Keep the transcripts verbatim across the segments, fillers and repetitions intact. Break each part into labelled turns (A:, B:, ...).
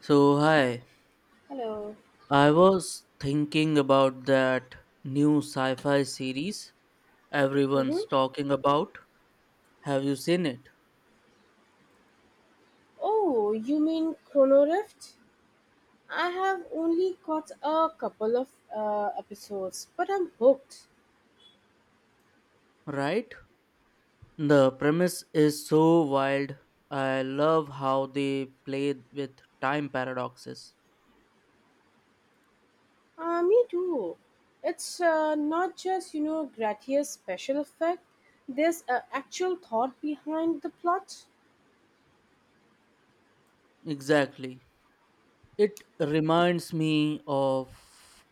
A: So, hi,
B: Hello.
A: I was thinking about that new sci fi series
B: Mm-hmm.
A: everyone's talking about. Have you seen it?
B: Oh, you mean Chrono Rift? I have only caught a couple of uh, episodes, but I'm hooked.
A: Right? The premise is so wild. I love how they played with time paradoxes.
B: Uh, me too. It's uh, not just, you know, gratuitous special effect. There's uh, actual thought behind the plot.
A: Exactly. It reminds me of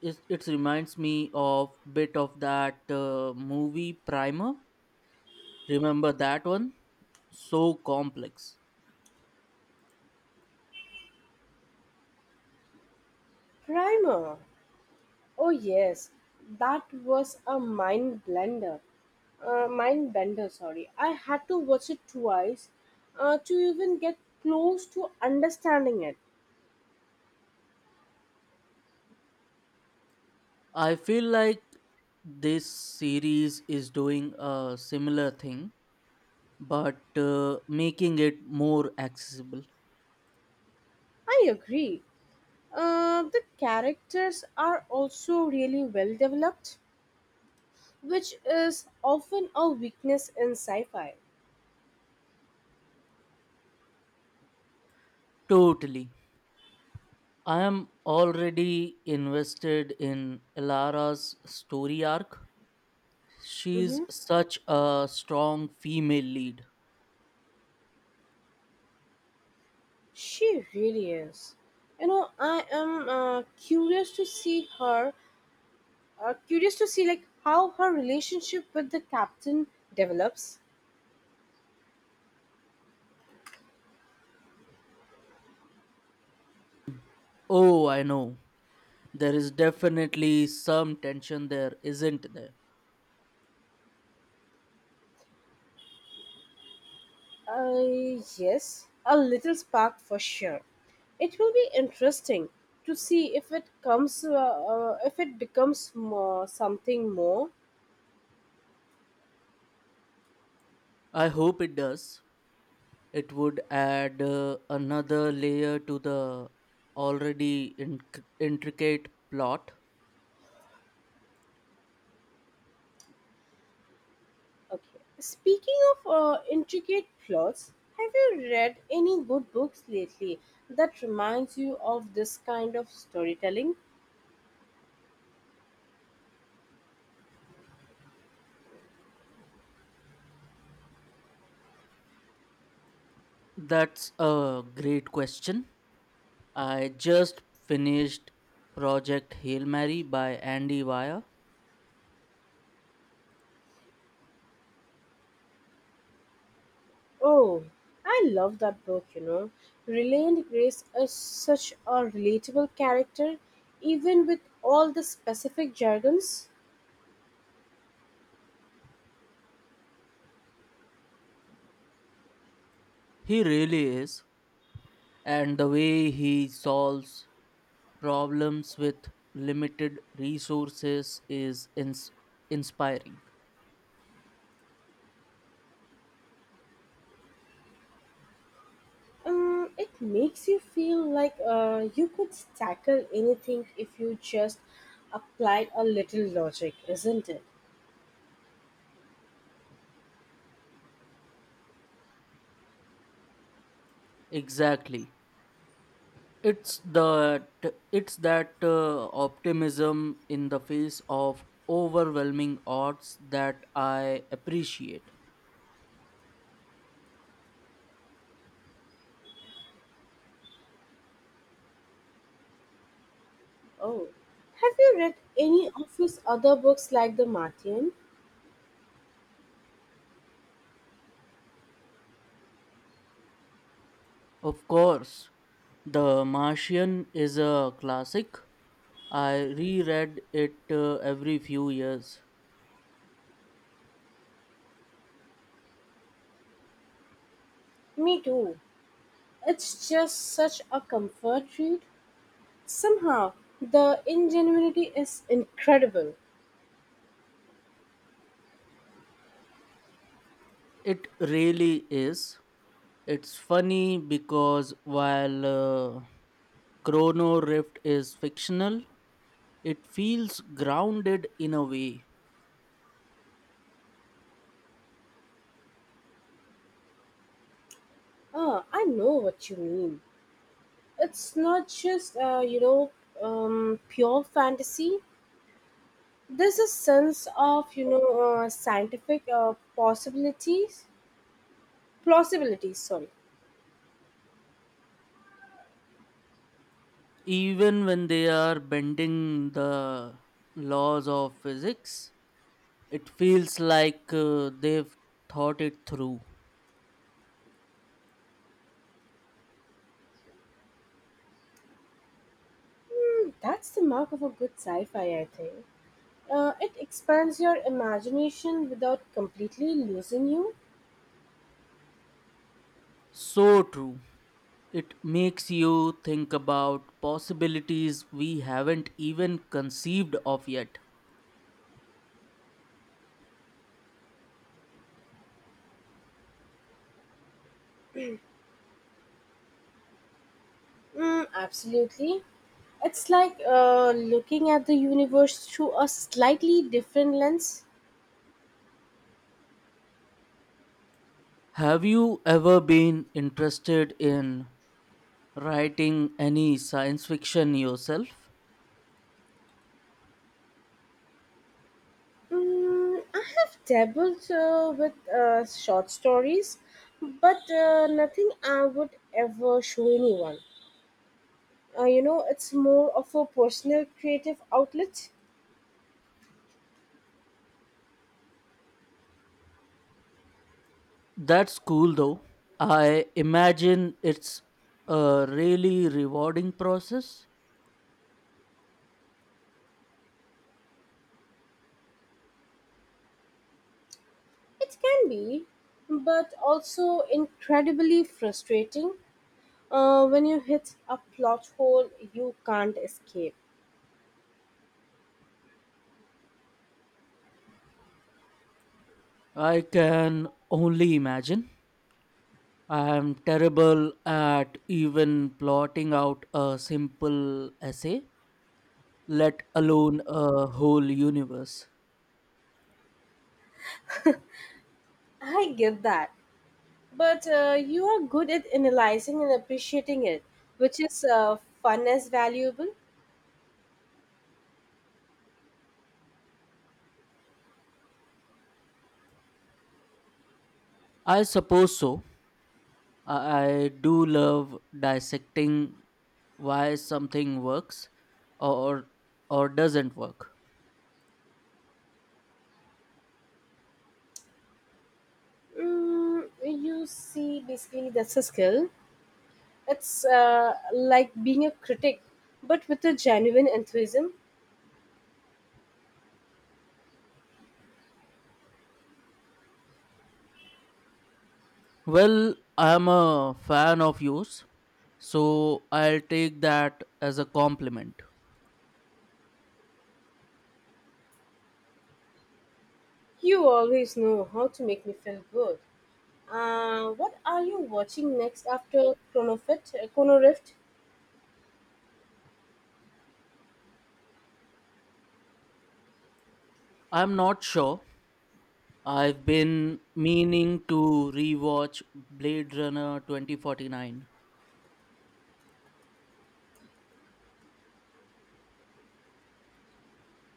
A: it, it reminds me of bit of that uh, movie Primer. Remember that one? So complex.
B: Primer. Oh yes, that was a mind blender. Uh, mind bender, sorry. I had to watch it twice uh, to even get close to understanding it.
A: I feel like this series is doing a similar thing, but uh, making it more accessible.
B: I agree. Uh, the characters are also really well developed, which is often a weakness in sci fi.
A: Totally. I am already invested in Elara's story arc. She's
B: Hmm.
A: such a strong female lead.
B: She really is. You know, I am uh, curious to see her, uh, curious to see like how her relationship with the captain develops.
A: Oh, I know. There is definitely some tension there, isn't there?
B: Uh, yes, a little spark for sure. It will be interesting to see if it comes, uh, uh, if it becomes more, something more.
A: I hope it does. It would add uh, another layer to the already inc- intricate plot.
B: Okay. Speaking of uh, intricate plots, have you read any good books lately that reminds you of this kind of storytelling?
A: That's a great question. I just finished Project Hail Mary by Andy Weir.
B: Oh, I love that book, you know. Reland Grace is such a relatable character, even with all the specific jargons.
A: He really is. And the way he solves problems with limited resources is ins- inspiring.
B: Um, it makes you feel like uh, you could tackle anything if you just applied a little logic, isn't it?
A: Exactly. it's that it's that uh, optimism in the face of overwhelming odds that I appreciate.
B: Oh, have you read any of his other books like The Martian?
A: Of course, the Martian is a classic. I reread it uh, every few years.
B: Me too. It's just such a comfort read. Somehow, the ingenuity is incredible.
A: It really is. It's funny because while uh, Chrono Rift is fictional, it feels grounded in a way.
B: Ah, I know what you mean. It's not just, uh, you know, um, pure fantasy. There's a sense of, you know, uh, scientific uh, possibilities. Plausibilities, sorry.
A: Even when they are bending the laws of physics, it feels like uh, they've thought it through.
B: Hmm. That's the mark of a good sci fi, I think. Uh, it expands your imagination without completely losing you.
A: So true. It makes you think about possibilities we haven't even conceived of yet.
B: Mm, absolutely. It's like uh, looking at the universe through a slightly different lens.
A: Have you ever been interested in writing any science fiction yourself?
B: Mm, I have dabbled uh, with uh, short stories, but uh, nothing I would ever show anyone. Uh, you know, it's more of a personal creative outlet.
A: That's cool though. I imagine it's a really rewarding process.
B: It can be, but also incredibly frustrating. Uh, when you hit a plot hole, you can't escape.
A: I can only imagine. I am terrible at even plotting out a simple essay, let alone a whole universe.
B: I get that. But uh, you are good at analyzing and appreciating it, which is uh, fun as valuable.
A: I suppose so. I I do love dissecting why something works or or doesn't work.
B: Mm, you see, basically, that's a skill. It's uh, like being a critic, but with a genuine enthusiasm.
A: Well, I am a fan of yours, so I'll take that as a compliment.
B: You always know how to make me feel good. Uh, what are you watching next after Chrono Fit- Chrono Rift?
A: I'm not sure, I've been meaning to rewatch Blade Runner twenty forty-nine.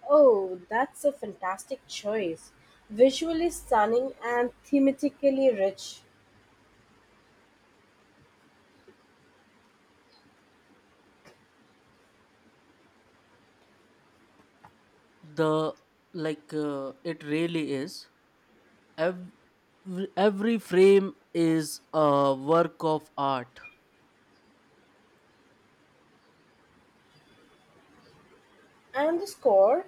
B: Oh, that's a fantastic choice. Visually stunning and thematically rich.
A: The like uh, it really is. Every, every frame is a work of art.
B: And the score?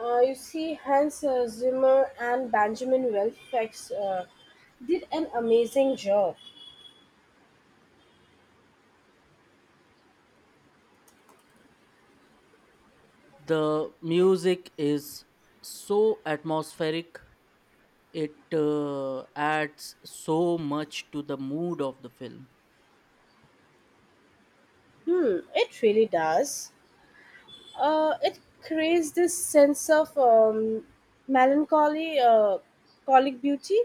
B: Uh, you see, Hans uh, Zimmer and Benjamin Wilfex uh, did an amazing job.
A: The music is so atmospheric. It uh, adds so much to the mood of the film.
B: Hmm, it really does. Uh, it creates this sense of um, melancholy, uh, colic beauty.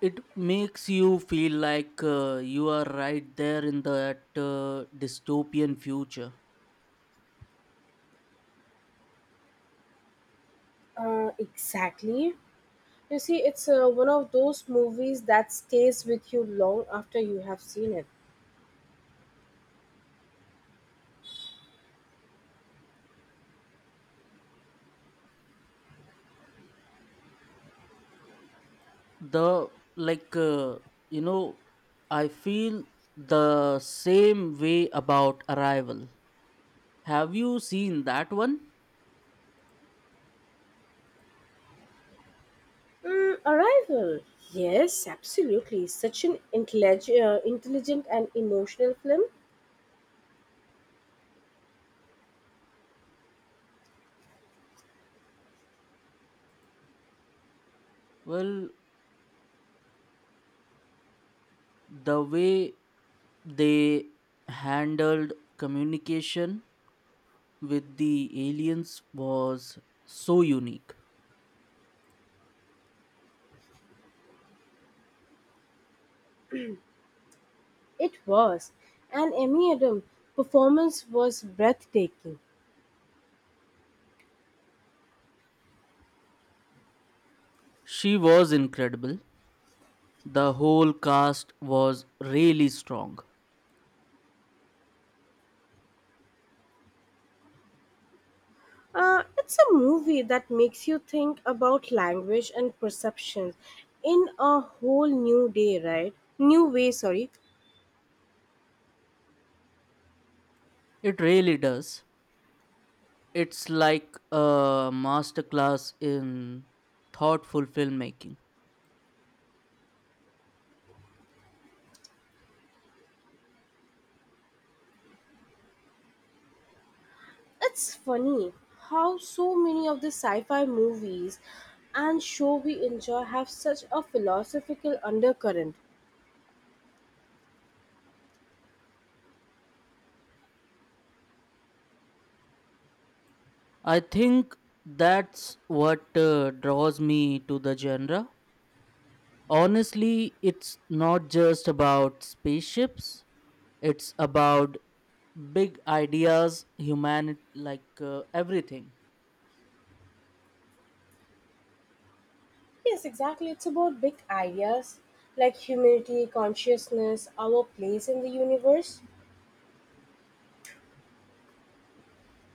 A: It makes you feel like uh, you are right there in that uh, dystopian future.
B: Uh, exactly. You see, it's uh, one of those movies that stays with you long after you have seen it.
A: The like uh, you know I feel the same way about Arrival. Have you seen that one?
B: Mm, Arrival. Yes, absolutely. Such an intellig- uh, intelligent and emotional film.
A: Well, the way they handled communication with the aliens was so unique.
B: It was. And Emmy Adam performance was breathtaking.
A: She was incredible. The whole cast was really strong.
B: Uh, it's a movie that makes you think about language and perceptions in a whole new day, right? New way, sorry.
A: It really does. It's like a masterclass in thoughtful filmmaking.
B: It's funny how so many of the sci-fi movies and show we enjoy have such a philosophical undercurrent.
A: I think that's what uh, draws me to the genre. Honestly, it's not just about spaceships, it's about big ideas, humanity, like uh, everything.
B: Yes, exactly. It's about big ideas like humanity, consciousness, our place in the universe.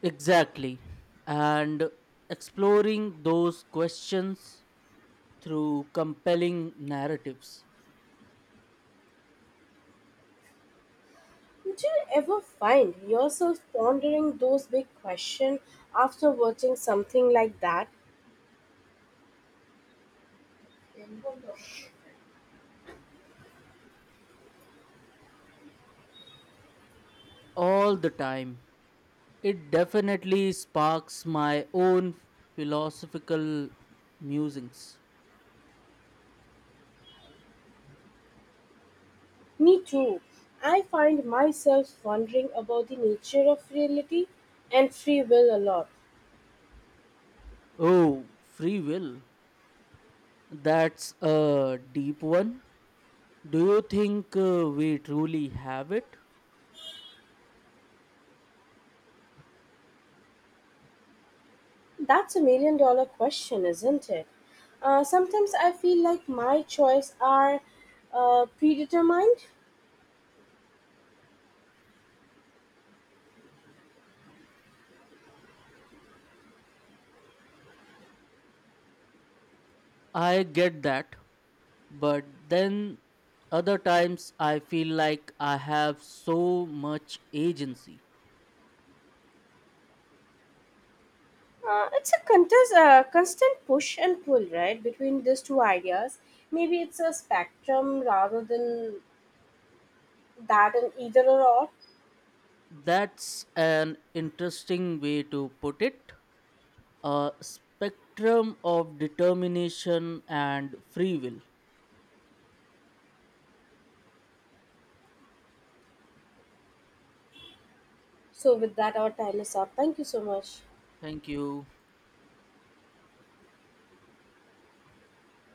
A: Exactly. And exploring those questions through compelling narratives
B: Did you ever find yourself pondering those big questions after watching something like that?
A: all the time. It definitely sparks my own philosophical musings.
B: Me too. I find myself wondering about the nature of reality and free will a lot.
A: Oh, free will. That's a deep one. Do you think uh, we truly have it?
B: That's a million dollar question, isn't it? Uh, sometimes I feel like my choices are uh, predetermined.
A: I get that, but then other times I feel like I have so much agency.
B: Uh, it's a contest, uh, constant push and pull, right, between these two ideas. Maybe it's a spectrum rather than that and either or. All.
A: That's an interesting way to put it. A spectrum of determination and free will.
B: So, with that, our time is up. Thank you so much.
A: Thank you.